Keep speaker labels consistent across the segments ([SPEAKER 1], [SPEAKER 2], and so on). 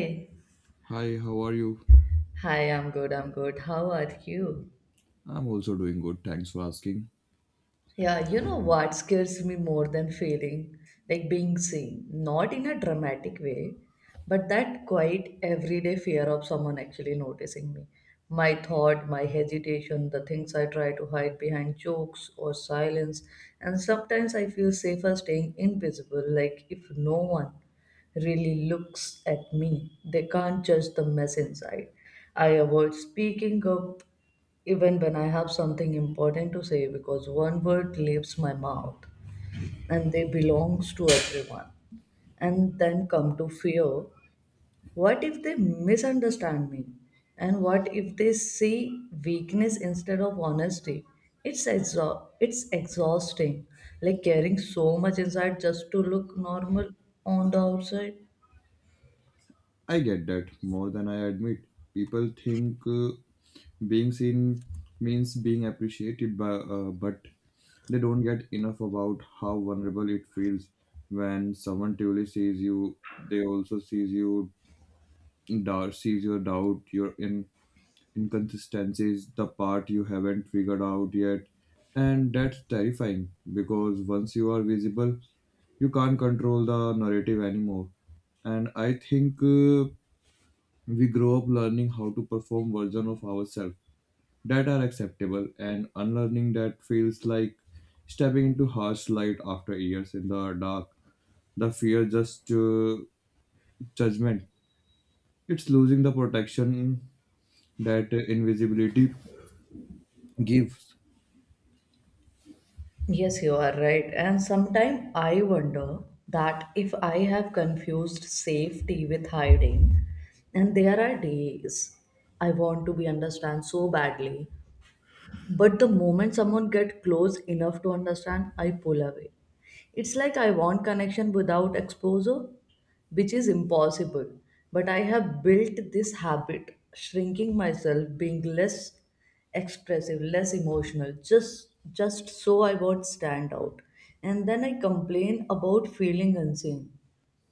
[SPEAKER 1] Hi.
[SPEAKER 2] Hi, how are you?
[SPEAKER 1] I'm good. How are you?
[SPEAKER 2] I'm also doing good, thanks for asking.
[SPEAKER 1] Yeah, you know what scares me more than failing? Like being seen, not in a dramatic way, but that quiet everyday fear of someone actually noticing me. My thought, my hesitation, the things I try to hide behind jokes or silence. And sometimes I feel safer staying invisible, like if no one really looks at me. They can't judge the mess inside. I avoid speaking up even when I have something important to say because one word leaves my mouth and they belongs to everyone. And then come to fear. What if they misunderstand me? And what if they see weakness instead of honesty? It's exhausting. Like carrying so much inside just to look normal on the outside.
[SPEAKER 2] I get that more than I admit. People think being seen means being appreciated, but they don't get enough about how vulnerable it feels when someone truly sees you. They also sees you, sees your doubt, your in inconsistencies, the part you haven't figured out yet. And that's terrifying because once you are visible, you can't control the narrative anymore. And I think we grow up learning how to perform version of ourselves that are acceptable and unlearning that feels like stepping into harsh light after years in the dark. The fear just judgment. It's losing the protection that invisibility gives.
[SPEAKER 1] Yes, you are right. And sometimes I wonder that if I have confused safety with hiding, and there are days I want to be understood so badly, but the moment someone gets close enough to understand, I pull away. It's like I want connection without exposure, which is impossible. But I have built this habit, shrinking myself, being less expressive, less emotional, just so I won't stand out. And then I complain about feeling unseen,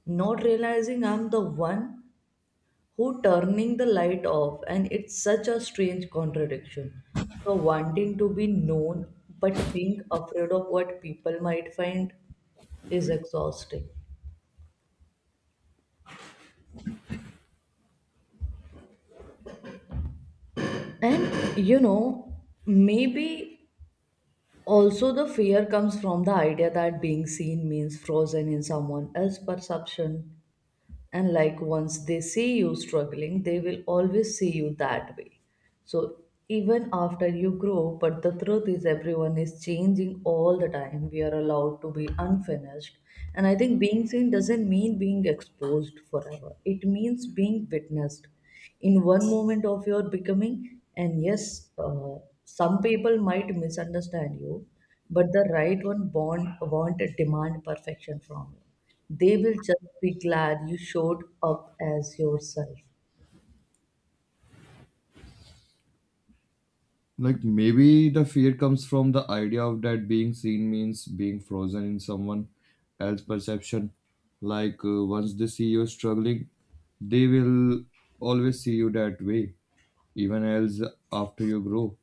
[SPEAKER 1] not realizing I'm the one who turning the light off, and it's such a strange contradiction, so wanting to be known but being afraid of what people might find is exhausting. And you know, maybe also the fear comes from the idea that being seen means frozen in someone else's perception, and like once they see you struggling they will always see you that way. So even after you grow, but the truth is everyone is changing all the time. We are allowed to be unfinished. And I think being seen doesn't mean being exposed forever. It means being witnessed in one moment of your becoming. And yes, some people might misunderstand you, but the right one born, won't demand perfection from you. They will just be glad you showed up as yourself.
[SPEAKER 2] Like maybe the fear comes from the idea of that being seen means being frozen in someone else's perception. Like once they see you struggling, they will always see you that way, even else after you grow.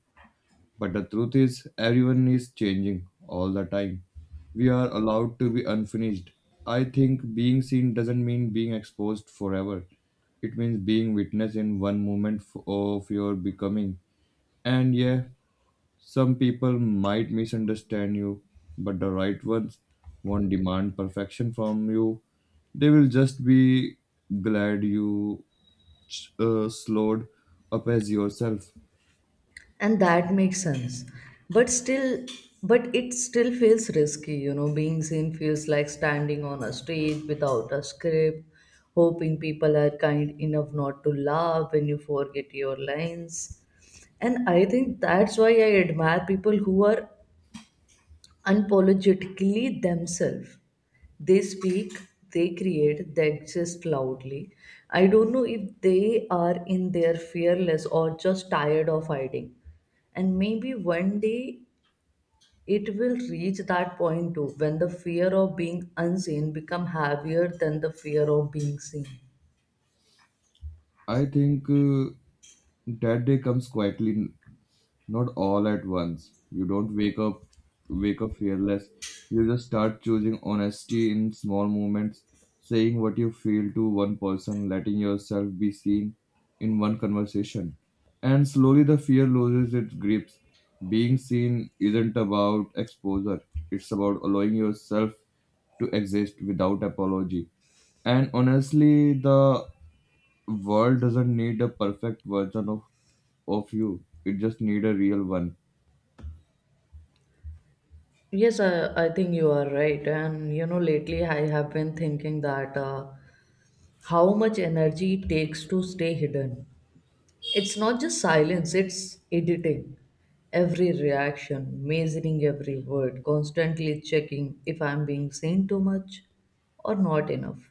[SPEAKER 2] But the truth is, everyone is changing all the time. We are allowed to be unfinished. I think being seen doesn't mean being exposed forever. It means being witness in one moment of your becoming. And yeah, some people might misunderstand you, but the right ones won't demand perfection from you. They will just be glad you slowed up as yourself.
[SPEAKER 1] And that makes sense, but still, but it still feels risky, you know. Being seen feels like standing on a stage without a script, hoping people are kind enough not to laugh when you forget your lines. And I think that's why I admire people who are unapologetically themselves. They speak, they create, they exist loudly. I don't know if they are in their fearless or just tired of hiding, and maybe one day it will reach that point too, when the fear of being unseen become heavier than the fear of being seen.
[SPEAKER 2] I think that day comes quietly. Not all at once. You don't wake up fearless. You just start choosing honesty in small moments, saying what you feel to one person, letting yourself be seen in one conversation. And slowly the fear loses its grips. Being seen isn't about exposure. It's about allowing yourself to exist without apology. And honestly, the world doesn't need a perfect version of you. It just need a real one.
[SPEAKER 1] Yes, I, I think you are right. And you know, lately I have been thinking that how much energy it takes to stay hidden. It's not just silence, it's editing every reaction, measuring every word, constantly checking if I'm being seen too much or not enough.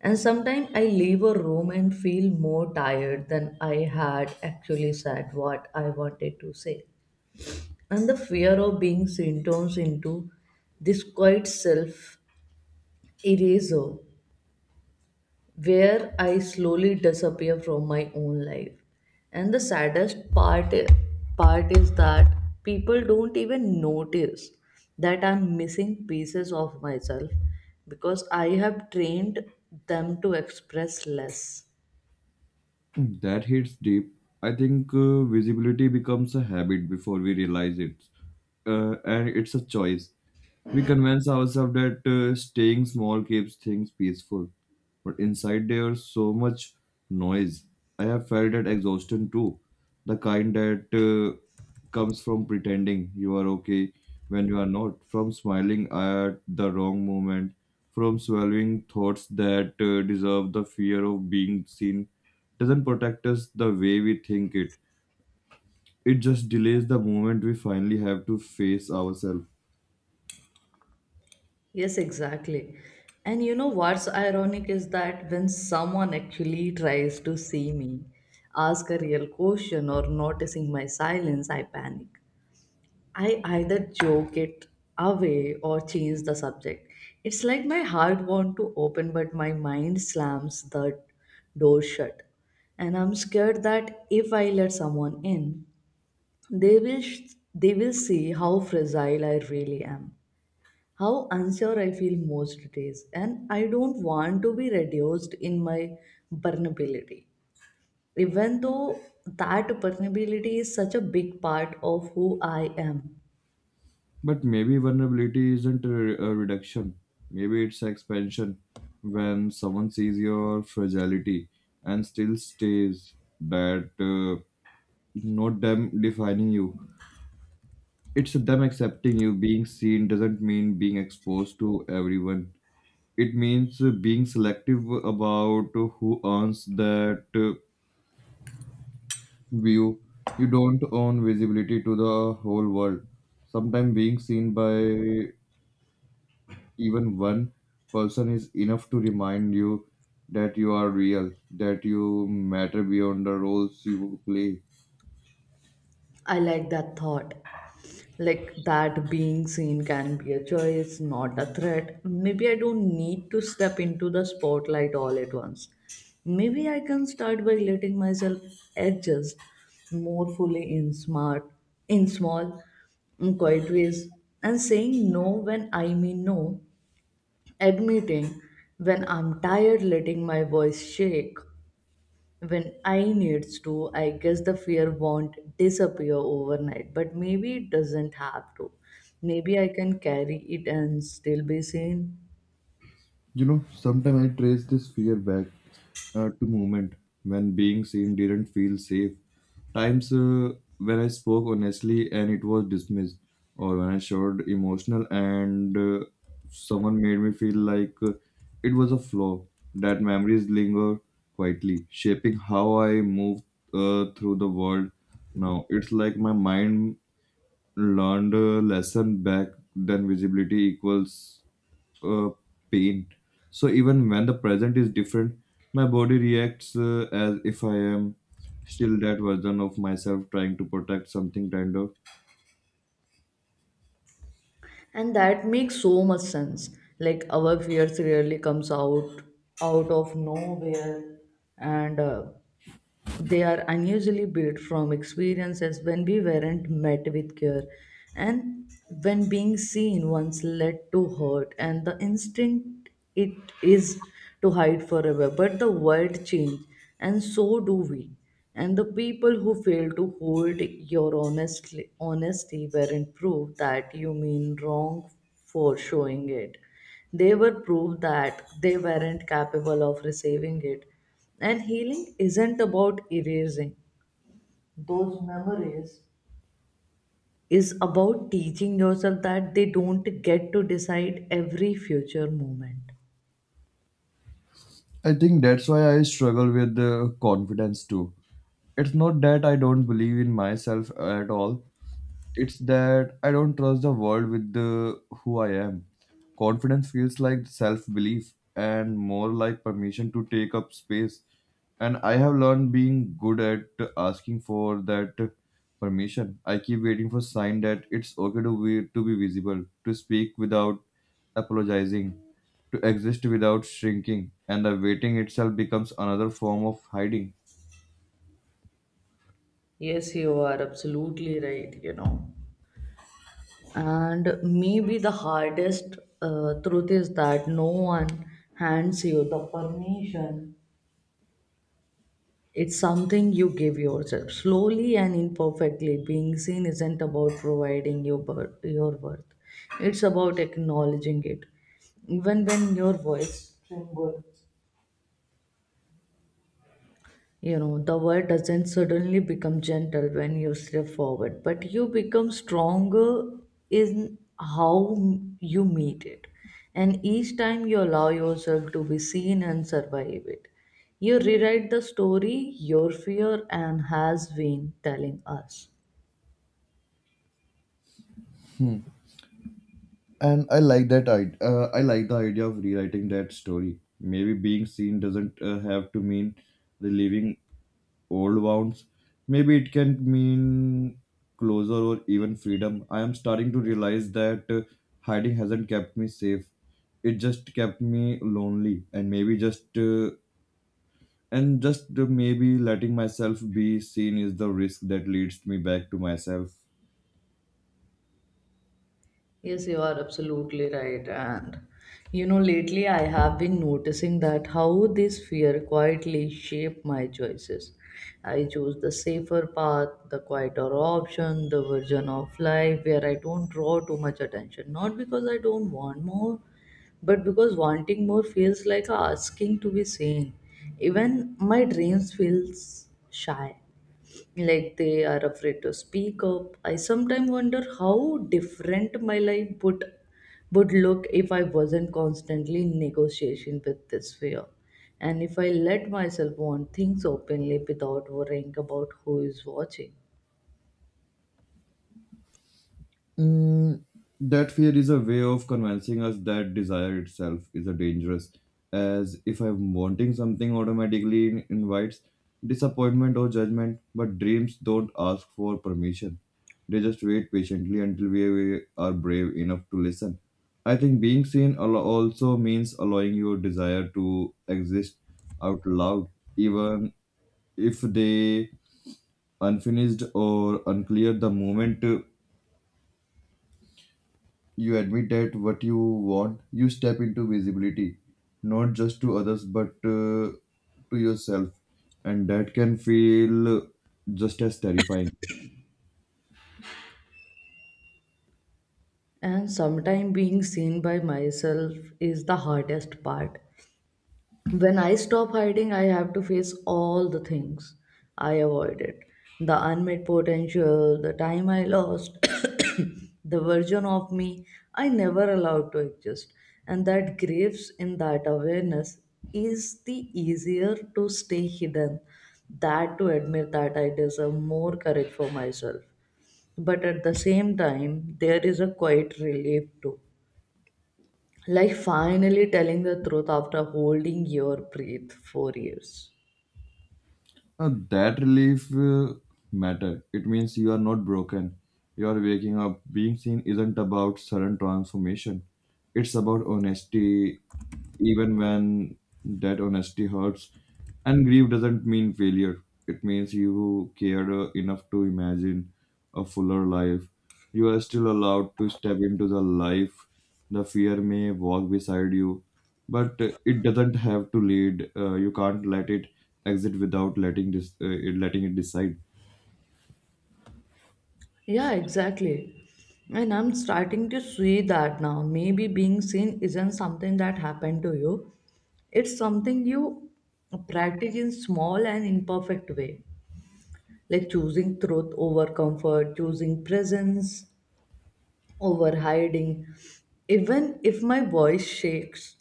[SPEAKER 1] And sometimes I leave a room and feel more tired than I had actually said what I wanted to say. And the fear of being seen turns into this quiet self eraser where I slowly disappear from my own life. And the part is that people don't even notice that I'm missing pieces of myself because I have trained them to express less.
[SPEAKER 2] That hits deep. I think visibility becomes a habit before we realize it, and it's a choice. We convince ourselves that staying small keeps things peaceful, but inside there's so much noise. I have felt that exhaustion too, the kind that. Comes from pretending you are okay when you are not, from smiling at the wrong moment, from swallowing thoughts that deserve the fear of being seen, doesn't protect us the way we think it. It just delays the moment we finally have to face ourselves.
[SPEAKER 1] Yes, exactly. And you know what's ironic is that when someone actually tries to see me, ask a real question, or noticing my silence, I panic. I either joke it away or change the subject. It's like my heart wants to open, but my mind slams the door shut. And I'm scared that if I let someone in, they will, sh- they will see how fragile I really am, how unsure I feel most days. And I don't want to be reduced in my vulnerability, even though that vulnerability is such a big part of who I am.
[SPEAKER 2] But maybe vulnerability isn't a reduction, maybe it's expansion. When someone sees your fragility and still stays, that not them defining you. It's them accepting you. Being seen doesn't mean being exposed to everyone. It means being selective about who earns that view. You don't own visibility to the whole world. Sometimes being seen by even one person is enough to remind you that you are real, that you matter beyond the roles you play.
[SPEAKER 1] I like that thought. Like that being seen can be a choice, not a threat. Maybe I don't need to step into the spotlight all at once. Maybe I can start by letting myself adjust more fully in small, in quiet ways, and saying no when I mean no, admitting when I'm tired, letting my voice shake when I needs to. I guess the fear won't disappear overnight, but maybe it doesn't have to. Maybe I can carry it and still be seen.
[SPEAKER 2] You know, sometimes I trace this fear back to moment when being seen didn't feel safe. Times when I spoke honestly and it was dismissed, or when I showed emotional and someone made me feel like it was a flaw. That memories linger quietly, shaping how I move through the world. Now it's like my mind learned a lesson back then. Visibility equals uh, pain. So even when the present is different, my body reacts as if I am still that version of myself trying to protect something kind of.
[SPEAKER 1] And that makes so much sense. Like our fears really comes out out of nowhere, and they are unusually built from experiences when we weren't met with care, and when being seen once led to hurt, and the instinct it is to hide forever. But the world changed and so do we. And the people who fail to hold your honesty weren't proof that you mean wrong for showing it. They were proof that they weren't capable of receiving it. And healing isn't about erasing those memories, is about teaching yourself that they don't get to decide every future moment.
[SPEAKER 2] I think that's why I struggle with confidence too. It's not that I don't believe in myself at all. It's that I don't trust the world with the who I am. Confidence feels like self belief and more like permission to take up space. And I have learned being good at asking for that permission. I keep waiting for sign that it's okay to be visible, to speak without apologizing, to exist without shrinking. And the waiting itself becomes another form of hiding.
[SPEAKER 1] Yes, you are absolutely right, you know. And maybe the hardest truth is that no one hands you the permission. It's something you give yourself slowly and imperfectly. Being seen isn't about providing your worth, it's about acknowledging it. Even when your voice trembles, you know, the word doesn't suddenly become gentle when you step forward, but you become stronger in how you meet it. And each time you allow yourself to be seen and survive it, you rewrite the story your fear and has been telling us.
[SPEAKER 2] And I like that idea. I like the idea of rewriting that story. Maybe being seen doesn't have to mean reliving old wounds. Maybe it can mean closure or even freedom. I am starting to realize that hiding hasn't kept me safe. It just kept me lonely, and maybe just and just maybe letting myself be seen is the risk that leads me back to myself.
[SPEAKER 1] Yes, you are absolutely right. And you know, lately I have been noticing that how this fear quietly shape my choices. I choose the safer path, the quieter option, the version of life where I don't draw too much attention. Not because I don't want more, but because wanting more feels like asking to be seen. Even my dreams feels shy, like they are afraid to speak up. I sometimes wonder how different my life would look if I wasn't constantly in negotiation with this fear, and if I let myself want things openly without worrying about who is watching.
[SPEAKER 2] Mm, that fear is a way of convincing us that desire itself is a dangerous. As if I'm wanting something automatically invites disappointment or judgment, but dreams don't ask for permission. They just wait patiently until we are brave enough to listen. I think being seen also means allowing your desire to exist out loud, even if they unfinished or unclear the moment you admit that what you want, you step into visibility, not just to others but to yourself, and that can feel just as terrifying.
[SPEAKER 1] And sometimes being seen by myself is the hardest part. When I stop hiding, I have to face all the things I avoided, the unmet potential, the time I lost, the version of me I never allowed to exist. And that graves in that awareness is the easier to stay hidden that to admit that I deserve more courage for myself. But at the same time, there is a quiet relief too, like finally telling the truth after holding your breath for years.
[SPEAKER 2] That relief matter. It means you are not broken. You are waking up. Being seen isn't about sudden transformation. It's about honesty, even when that honesty hurts. And grief doesn't mean failure. It means you cared enough to imagine a fuller life. You are still allowed to step into the life the fear may walk beside you but it doesn't have to lead you can't let it exit without letting letting it decide.
[SPEAKER 1] Yeah, exactly. And I'm starting to see that now. Maybe being seen isn't something that happened to you. It's something you practice in small and imperfect way. Like choosing truth over comfort, choosing presence over hiding. Even if my voice shakes,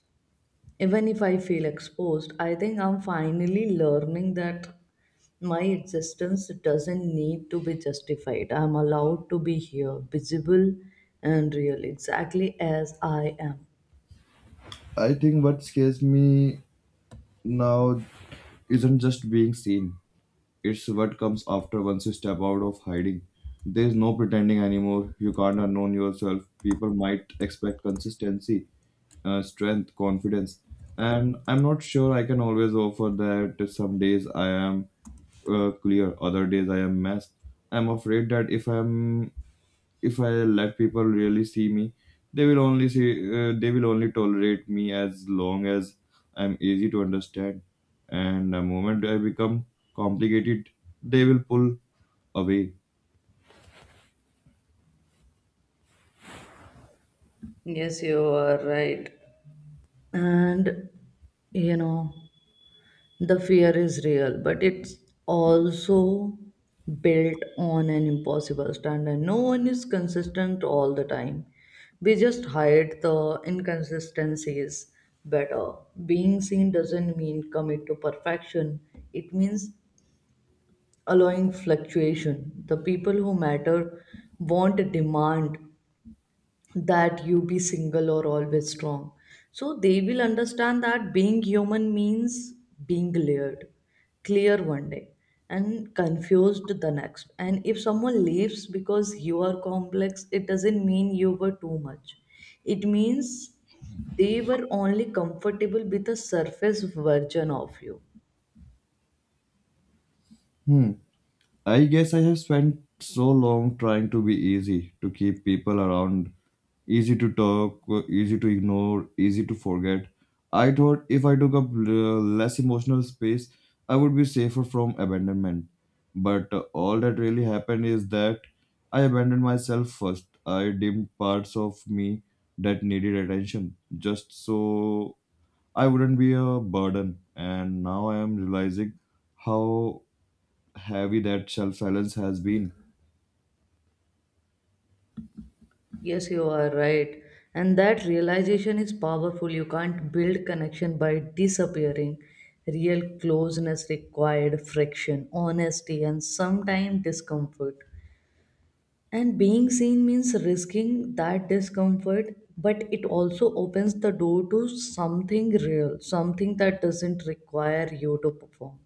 [SPEAKER 1] even if I feel exposed, I think I'm finally learning that my existence doesn't need to be justified. I'm allowed to be here, visible and real, exactly as I am.
[SPEAKER 2] I think what scares me now isn't just being seen, it's what comes after. Once you step out of hiding there's no pretending anymore, you can't unknown yourself. People might expect consistency, strength, confidence, and I'm not sure I can always offer that. Some days I am clear, other days I am messed. I'm afraid that if I let people really see me, they will only see they will only tolerate me as long as I'm easy to understand. And the moment I become complicated, they will pull away.
[SPEAKER 1] Yes, you are right. And, you know, the fear is real, but it's also built on an impossible standard. No one is consistent all the time. We just hide the inconsistencies better. Being seen doesn't mean commit to perfection, it means allowing fluctuation. The people who matter won't demand that you be single or always strong. So they will understand that being human means being layered, clear one day and confused the next. And if someone leaves because you are complex, it doesn't mean you were too much. It means they were only comfortable with a surface version of you.
[SPEAKER 2] Hmm. I guess I have spent so long trying to be easy, to keep people around, easy to talk, easy to ignore, easy to forget. I thought if I took up less emotional space, I would be safer from abandonment. But all that really happened is that I abandoned myself first. I dimmed parts of me that needed attention just so I wouldn't be a burden. And now I am realizing how heavy that shelf silence has been.
[SPEAKER 1] Yes, you are right. And that realization is powerful. You can't build connection by disappearing. Real closeness required friction, honesty, and sometimes discomfort. And being seen means risking that discomfort, but it also opens the door to something real, something that doesn't require you to perform.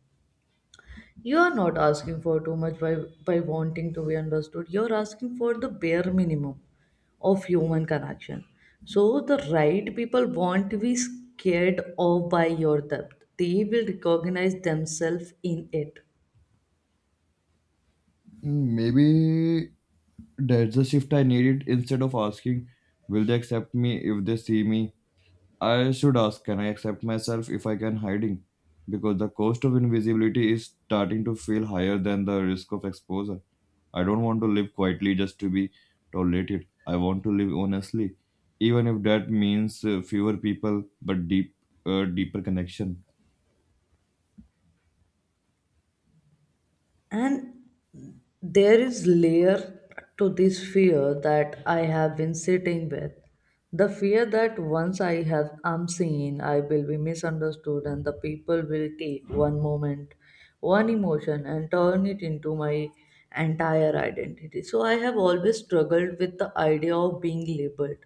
[SPEAKER 1] You are not asking for too much by wanting to be understood. You're asking for the bare minimum of human connection. So the right people won't be scared off by your depth. They will recognize themselves in it.
[SPEAKER 2] Mm, maybe that's the shift I needed. Instead of asking, will they accept me if they see me? I should ask, can I accept myself if I can hiding? Because the cost of invisibility is starting to feel higher than the risk of exposure. I don't want to live quietly just to be tolerated. I want to live honestly, even if that means fewer people but deeper connection.
[SPEAKER 1] And there is layer to this fear that I have been sitting with. The fear that once I have am seen, I will be misunderstood and the people will take one moment, one emotion and turn it into my entire identity. So I have always struggled with the idea of being labeled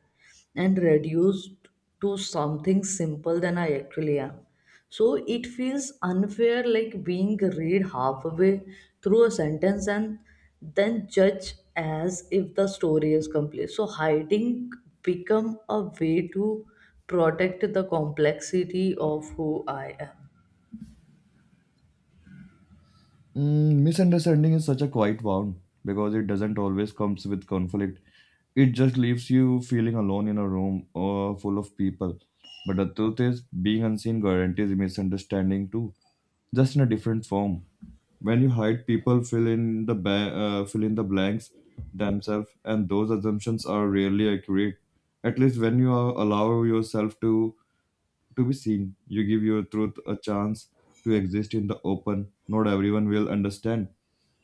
[SPEAKER 1] and reduced to something simple than I actually am. So it feels unfair, like being read halfway through a sentence and then judge as if the story is complete. So hiding become a way to protect the complexity of who I am.
[SPEAKER 2] Mm, misunderstanding is such a quiet wound because it doesn't always comes with conflict. It just leaves you feeling alone in a room full of people. But the truth is, being unseen guarantees misunderstanding too, just in a different form. When you hide, people fill in the blanks themselves, and those assumptions are rarely accurate. At least when you are, allow yourself to be seen. You give your truth a chance to exist in the open. Not everyone will understand,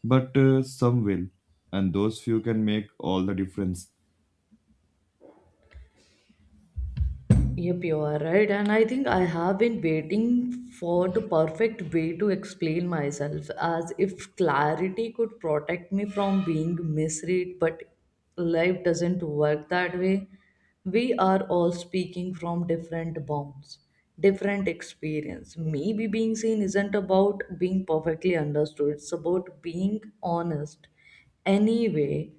[SPEAKER 2] but some will, and those few can make all the difference.
[SPEAKER 1] Yep, you are right. And I think I have been waiting for the perfect way to explain myself, as if clarity could protect me from being misread. But life doesn't work that way. We are all speaking from different bounds, different experience. Maybe being seen isn't about being perfectly understood, it's about being honest anyway,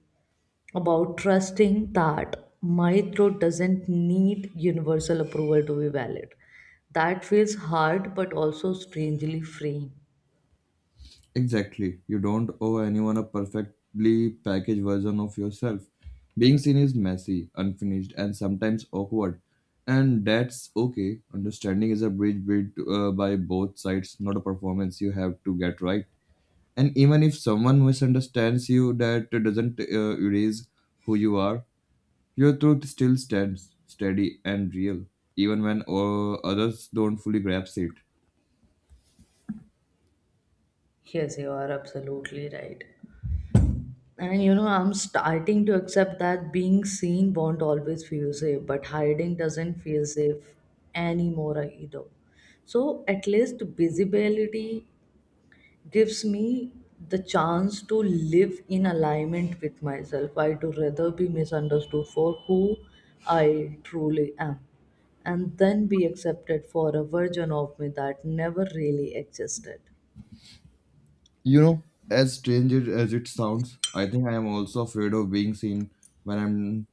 [SPEAKER 1] about trusting that my throat doesn't need universal approval to be valid. That feels hard but also strangely freeing.
[SPEAKER 2] Exactly. You don't owe anyone a perfectly packaged version of yourself. Being seen is messy, unfinished, and sometimes awkward. And that's okay. Understanding is a bridge built by both sides, not a performance you have to get right. And even if someone misunderstands you that doesn't erase who you are, your truth still stands steady and real even when others don't fully grasp it.
[SPEAKER 1] Yes, you are absolutely right. And you know, I'm starting to accept that being seen won't always feel safe, but hiding doesn't feel safe anymore either. So at least visibility gives me the chance to live in alignment with myself. I do rather be misunderstood for who I truly am and then be accepted for a version of me that never really existed.
[SPEAKER 2] You know, as strange as it sounds, I think I am also afraid of being seen when I'm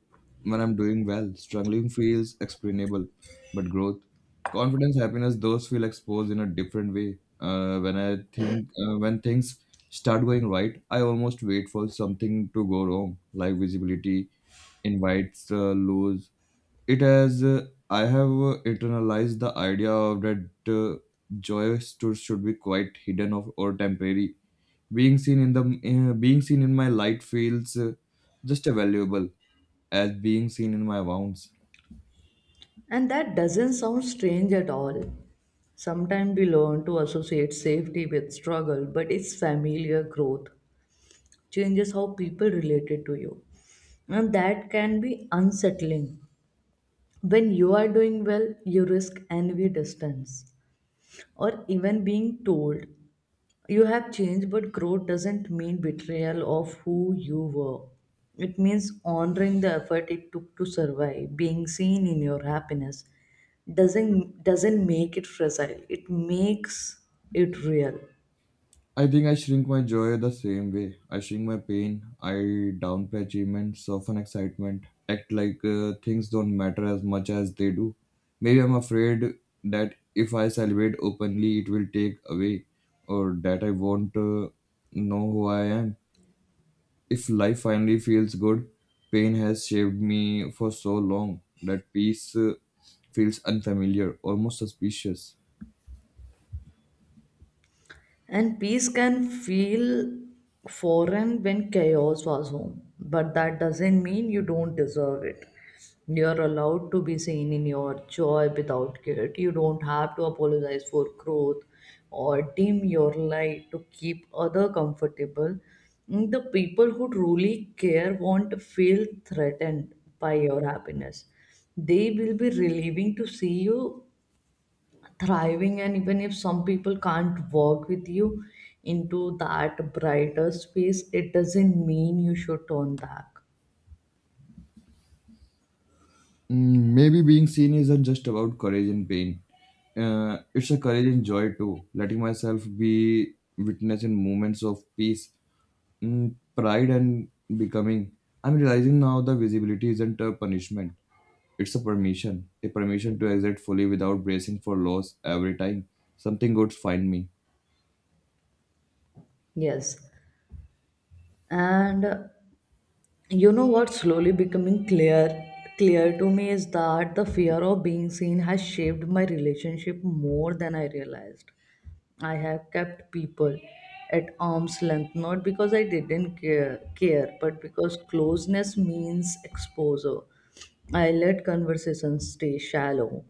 [SPEAKER 2] when I'm doing well. Struggling feels explainable, but growth, confidence, happiness, those feel exposed in a different way. When I think When things start going right, I almost wait for something to go wrong, like visibility, invites, lose. It has I have internalized the idea of that uh, joy should be quite hidden of or temporary. Being seen in my light feels just as valuable as being seen in my wounds.
[SPEAKER 1] And that doesn't sound strange at all. Sometimes we learn to associate safety with struggle, but it's familiar growth changes how people related to you. And that can be unsettling. When you are doing well, you risk envy, distance, or even being told you have changed, but growth doesn't mean betrayal of who you were. It means honoring the effort it took to survive. Being seen in your happiness doesn't make it fragile. It makes it real.
[SPEAKER 2] I think I shrink my joy the same way I shrink my pain. I downplay achievement, soften excitement, act like things don't matter as much as they do. Maybe I'm afraid that if I celebrate openly it will take away, or that I won't know who I am. If life finally feels good, pain has shaped me for so long that peace feels unfamiliar, almost suspicious.
[SPEAKER 1] And peace can feel foreign when chaos was home. But that doesn't mean you don't deserve it. You're allowed to be seen in your joy without guilt. You don't have to apologize for growth or dim your light to keep other comfortable. Mm, the people who truly care won't feel threatened by your happiness. They will be relieving to see you thriving, and even if some people can't work with you into that brighter space, it doesn't mean you should turn back.
[SPEAKER 2] Mm, maybe being seen isn't just about courage and pain. It's a courage and joy too. Letting myself be witness in moments of peace, pride, and becoming. I'm realizing now the visibility isn't a punishment. It's a permission to exist fully without bracing for loss every time something good find me.
[SPEAKER 1] Yes, and you know what? Slowly becoming clear to me is that the fear of being seen has shaped my relationship more than I realized. I have kept people at arm's length, not because I didn't care, but because closeness means exposure. I let conversations stay shallow,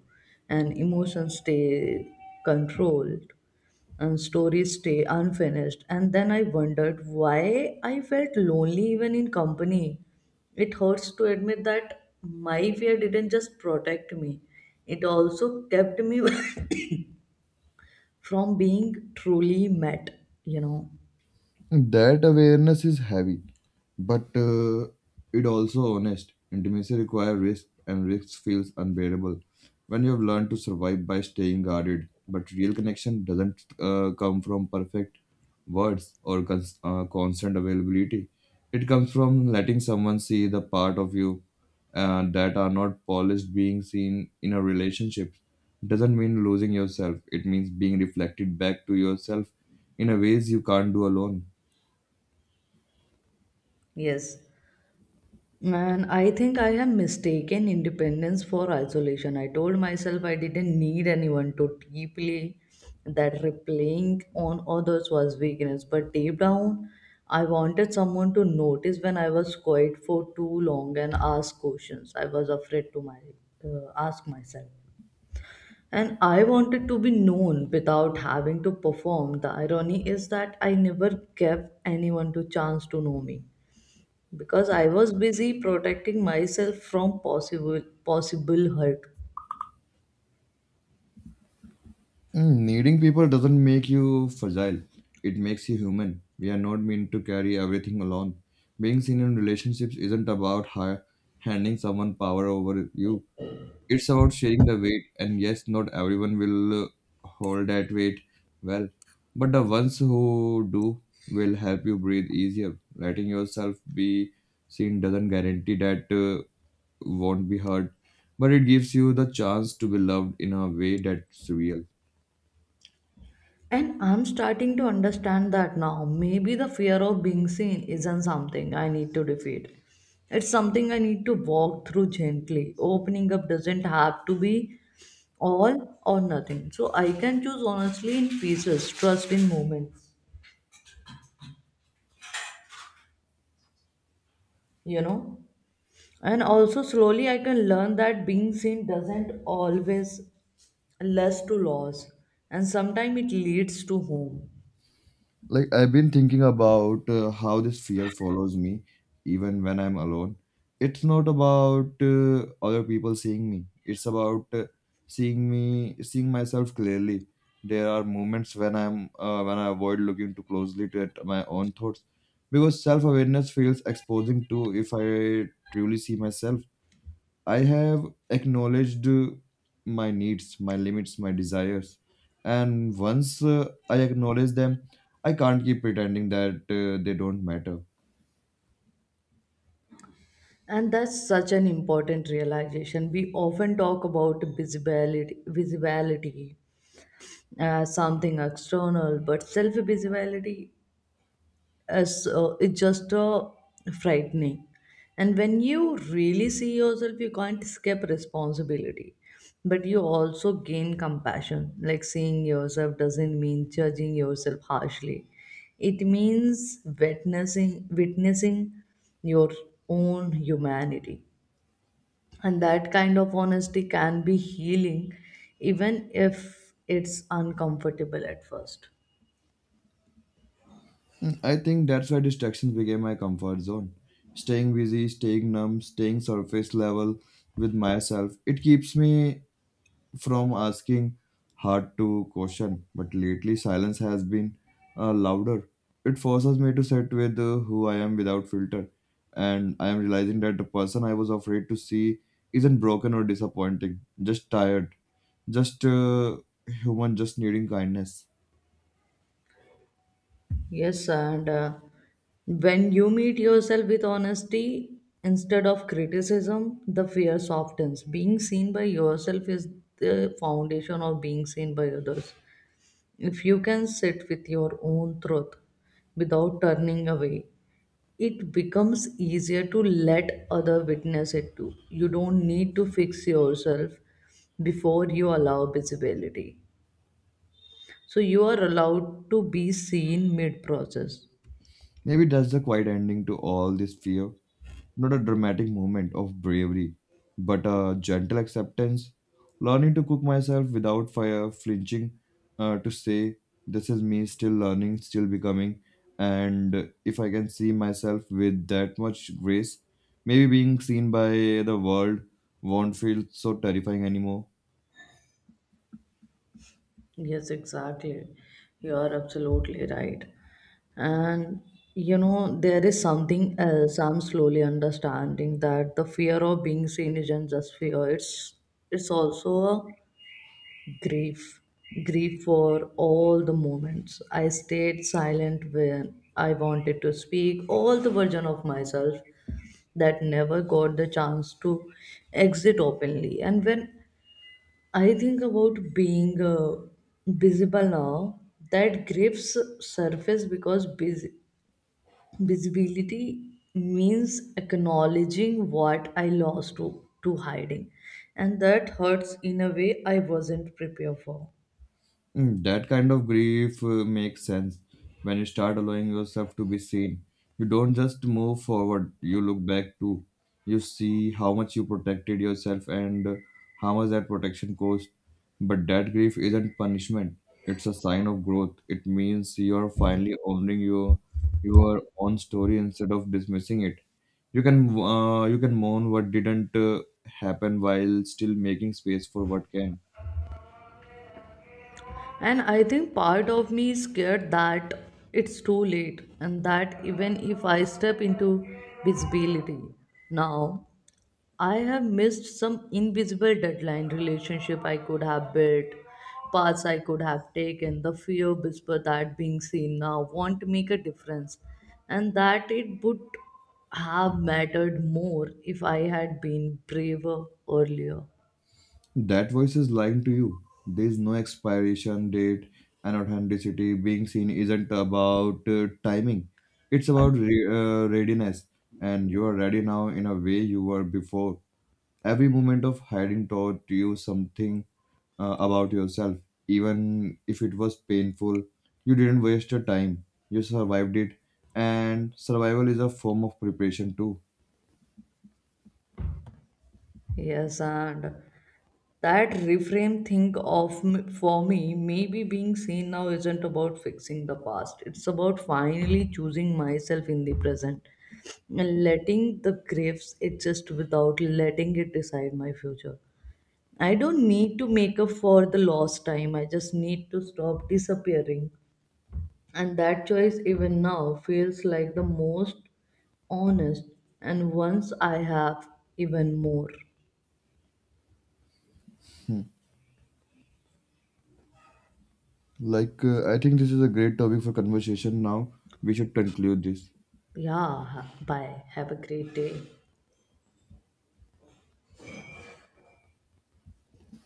[SPEAKER 1] and emotions stay controlled, and stories stay unfinished. And then I wondered why I felt lonely even in company. It hurts to admit that my fear didn't just protect me, it also kept me from being truly met, you know.
[SPEAKER 2] That awareness is heavy, but it also honest. Intimacy requires risk, and risk feels unbearable when you have learned to survive by staying guarded. But real connection doesn't come from perfect words or constant availability. It comes from letting someone see the part of you that are not polished being seen in a relationship. Doesn't mean losing yourself. It means being reflected back to yourself in a ways you can't do alone.
[SPEAKER 1] Yes. Man, I think I have mistaken independence for isolation. I told myself I didn't need anyone to deeply, that replying on others was weakness. But deep down, I wanted someone to notice when I was quiet for too long and ask questions. I was afraid to my ask myself. And I wanted to be known without having to perform. The irony is that I never gave anyone the chance to know me because I was busy protecting myself from possible hurt.
[SPEAKER 2] Mm, needing people doesn't make you fragile, it makes you human. We are not meant to carry everything alone. Being seen in relationships isn't about handing someone power over you, it's about sharing the weight. And yes, not everyone will hold that weight well, but the ones who do will help you breathe easier. Letting yourself be seen doesn't guarantee that won't be heard, but it gives you the chance to be loved in a way that's real.
[SPEAKER 1] And I'm starting to understand that now. Maybe the fear of being seen isn't something I need to defeat. It's something I need to walk through gently. Opening up doesn't have to be all or nothing. So I can choose honestly in pieces, trust in moments, you know. And also slowly I can learn that being seen doesn't always less to loss, and sometimes it leads to home.
[SPEAKER 2] Like I've been thinking about how this fear follows me even when I'm alone. It's not about other people seeing me. It's about seeing me seeing myself clearly. There are moments when I'm when I avoid looking too closely to at my own thoughts because self-awareness feels exposing to if I truly see myself. I have acknowledged my needs, my limits, my desires. And once I acknowledge them, I can't keep pretending that they don't matter.
[SPEAKER 1] And that's such an important realization. We often talk about visibility as something external, but self visibility as it's just frightening. And when you really see yourself, you can't escape responsibility, but you also gain compassion. Like, seeing yourself doesn't mean judging yourself harshly, it means witnessing your own humanity. And that kind of honesty can be healing, even if it's uncomfortable at first.
[SPEAKER 2] I think that's why distractions became my comfort zone. Staying busy, staying numb, staying surface level with myself, it keeps me from asking hard to question, but lately silence has been louder. It forces me to sit with who I am without filter, and I am realizing that the person I was afraid to see isn't broken or disappointing, just tired, just human, just needing kindness.
[SPEAKER 1] Yes, and when you meet yourself with honesty instead of criticism, the fear softens. Being seen by yourself is the foundation of being seen by others. If you can sit with your own truth without turning away, it becomes easier to let other witness it too. You don't need to fix yourself before you allow visibility. So you are allowed to be seen mid process.
[SPEAKER 2] Maybe that's the quiet ending to all this fear. Not a dramatic moment of bravery, but a gentle acceptance. Learning to cook myself without fire, flinching to say, this is me still learning, still becoming. And if I can see myself with that much grace, maybe being seen by the world won't feel so terrifying anymore.
[SPEAKER 1] Yes, exactly. You are absolutely right. And you know, there is something else I'm slowly understanding, that the fear of being seen isn't just fear, it's also a grief. Grief for all the moments I stayed silent when I wanted to speak, all the version of myself that never got the chance to exit openly. And when I think about being visible now, that grips surface because visibility means acknowledging what I lost to hiding, and that hurts in a way I wasn't prepared for.
[SPEAKER 2] Mm, that kind of grief makes sense when you start allowing yourself to be seen. You don't just move forward, you look back too. You see how much you protected yourself and how much that protection cost. But that grief isn't punishment, it's a sign of growth. It means you're finally owning your own story instead of dismissing it. You can mourn what didn't happen while still making space for what can.
[SPEAKER 1] And I think part of me is scared that it's too late, and that even if I step into visibility now, I have missed some invisible deadline relationship I could have built, paths I could have taken. The fear whisper that being seen now won't make a difference, and that it would have mattered more if I had been braver earlier.
[SPEAKER 2] That voice is lying to you. There is no expiration date and authenticity. Being seen isn't about timing, it's about readiness. And you are ready now in a way you were before. Every moment of hiding taught you something about yourself. Even if it was painful, you didn't waste your time. You survived it. And survival is a form of preparation too.
[SPEAKER 1] Yes, and that reframe, think of for me, maybe being seen now isn't about fixing the past. It's about finally choosing myself in the present and letting the graves exist without letting it decide my future. I don't need to make up for the lost time. I just need to stop disappearing. And that choice, even now, feels like the most honest. And once I have, even more.
[SPEAKER 2] I think this is a great topic for conversation now. We should conclude this.
[SPEAKER 1] Yeah, bye. Have a great day.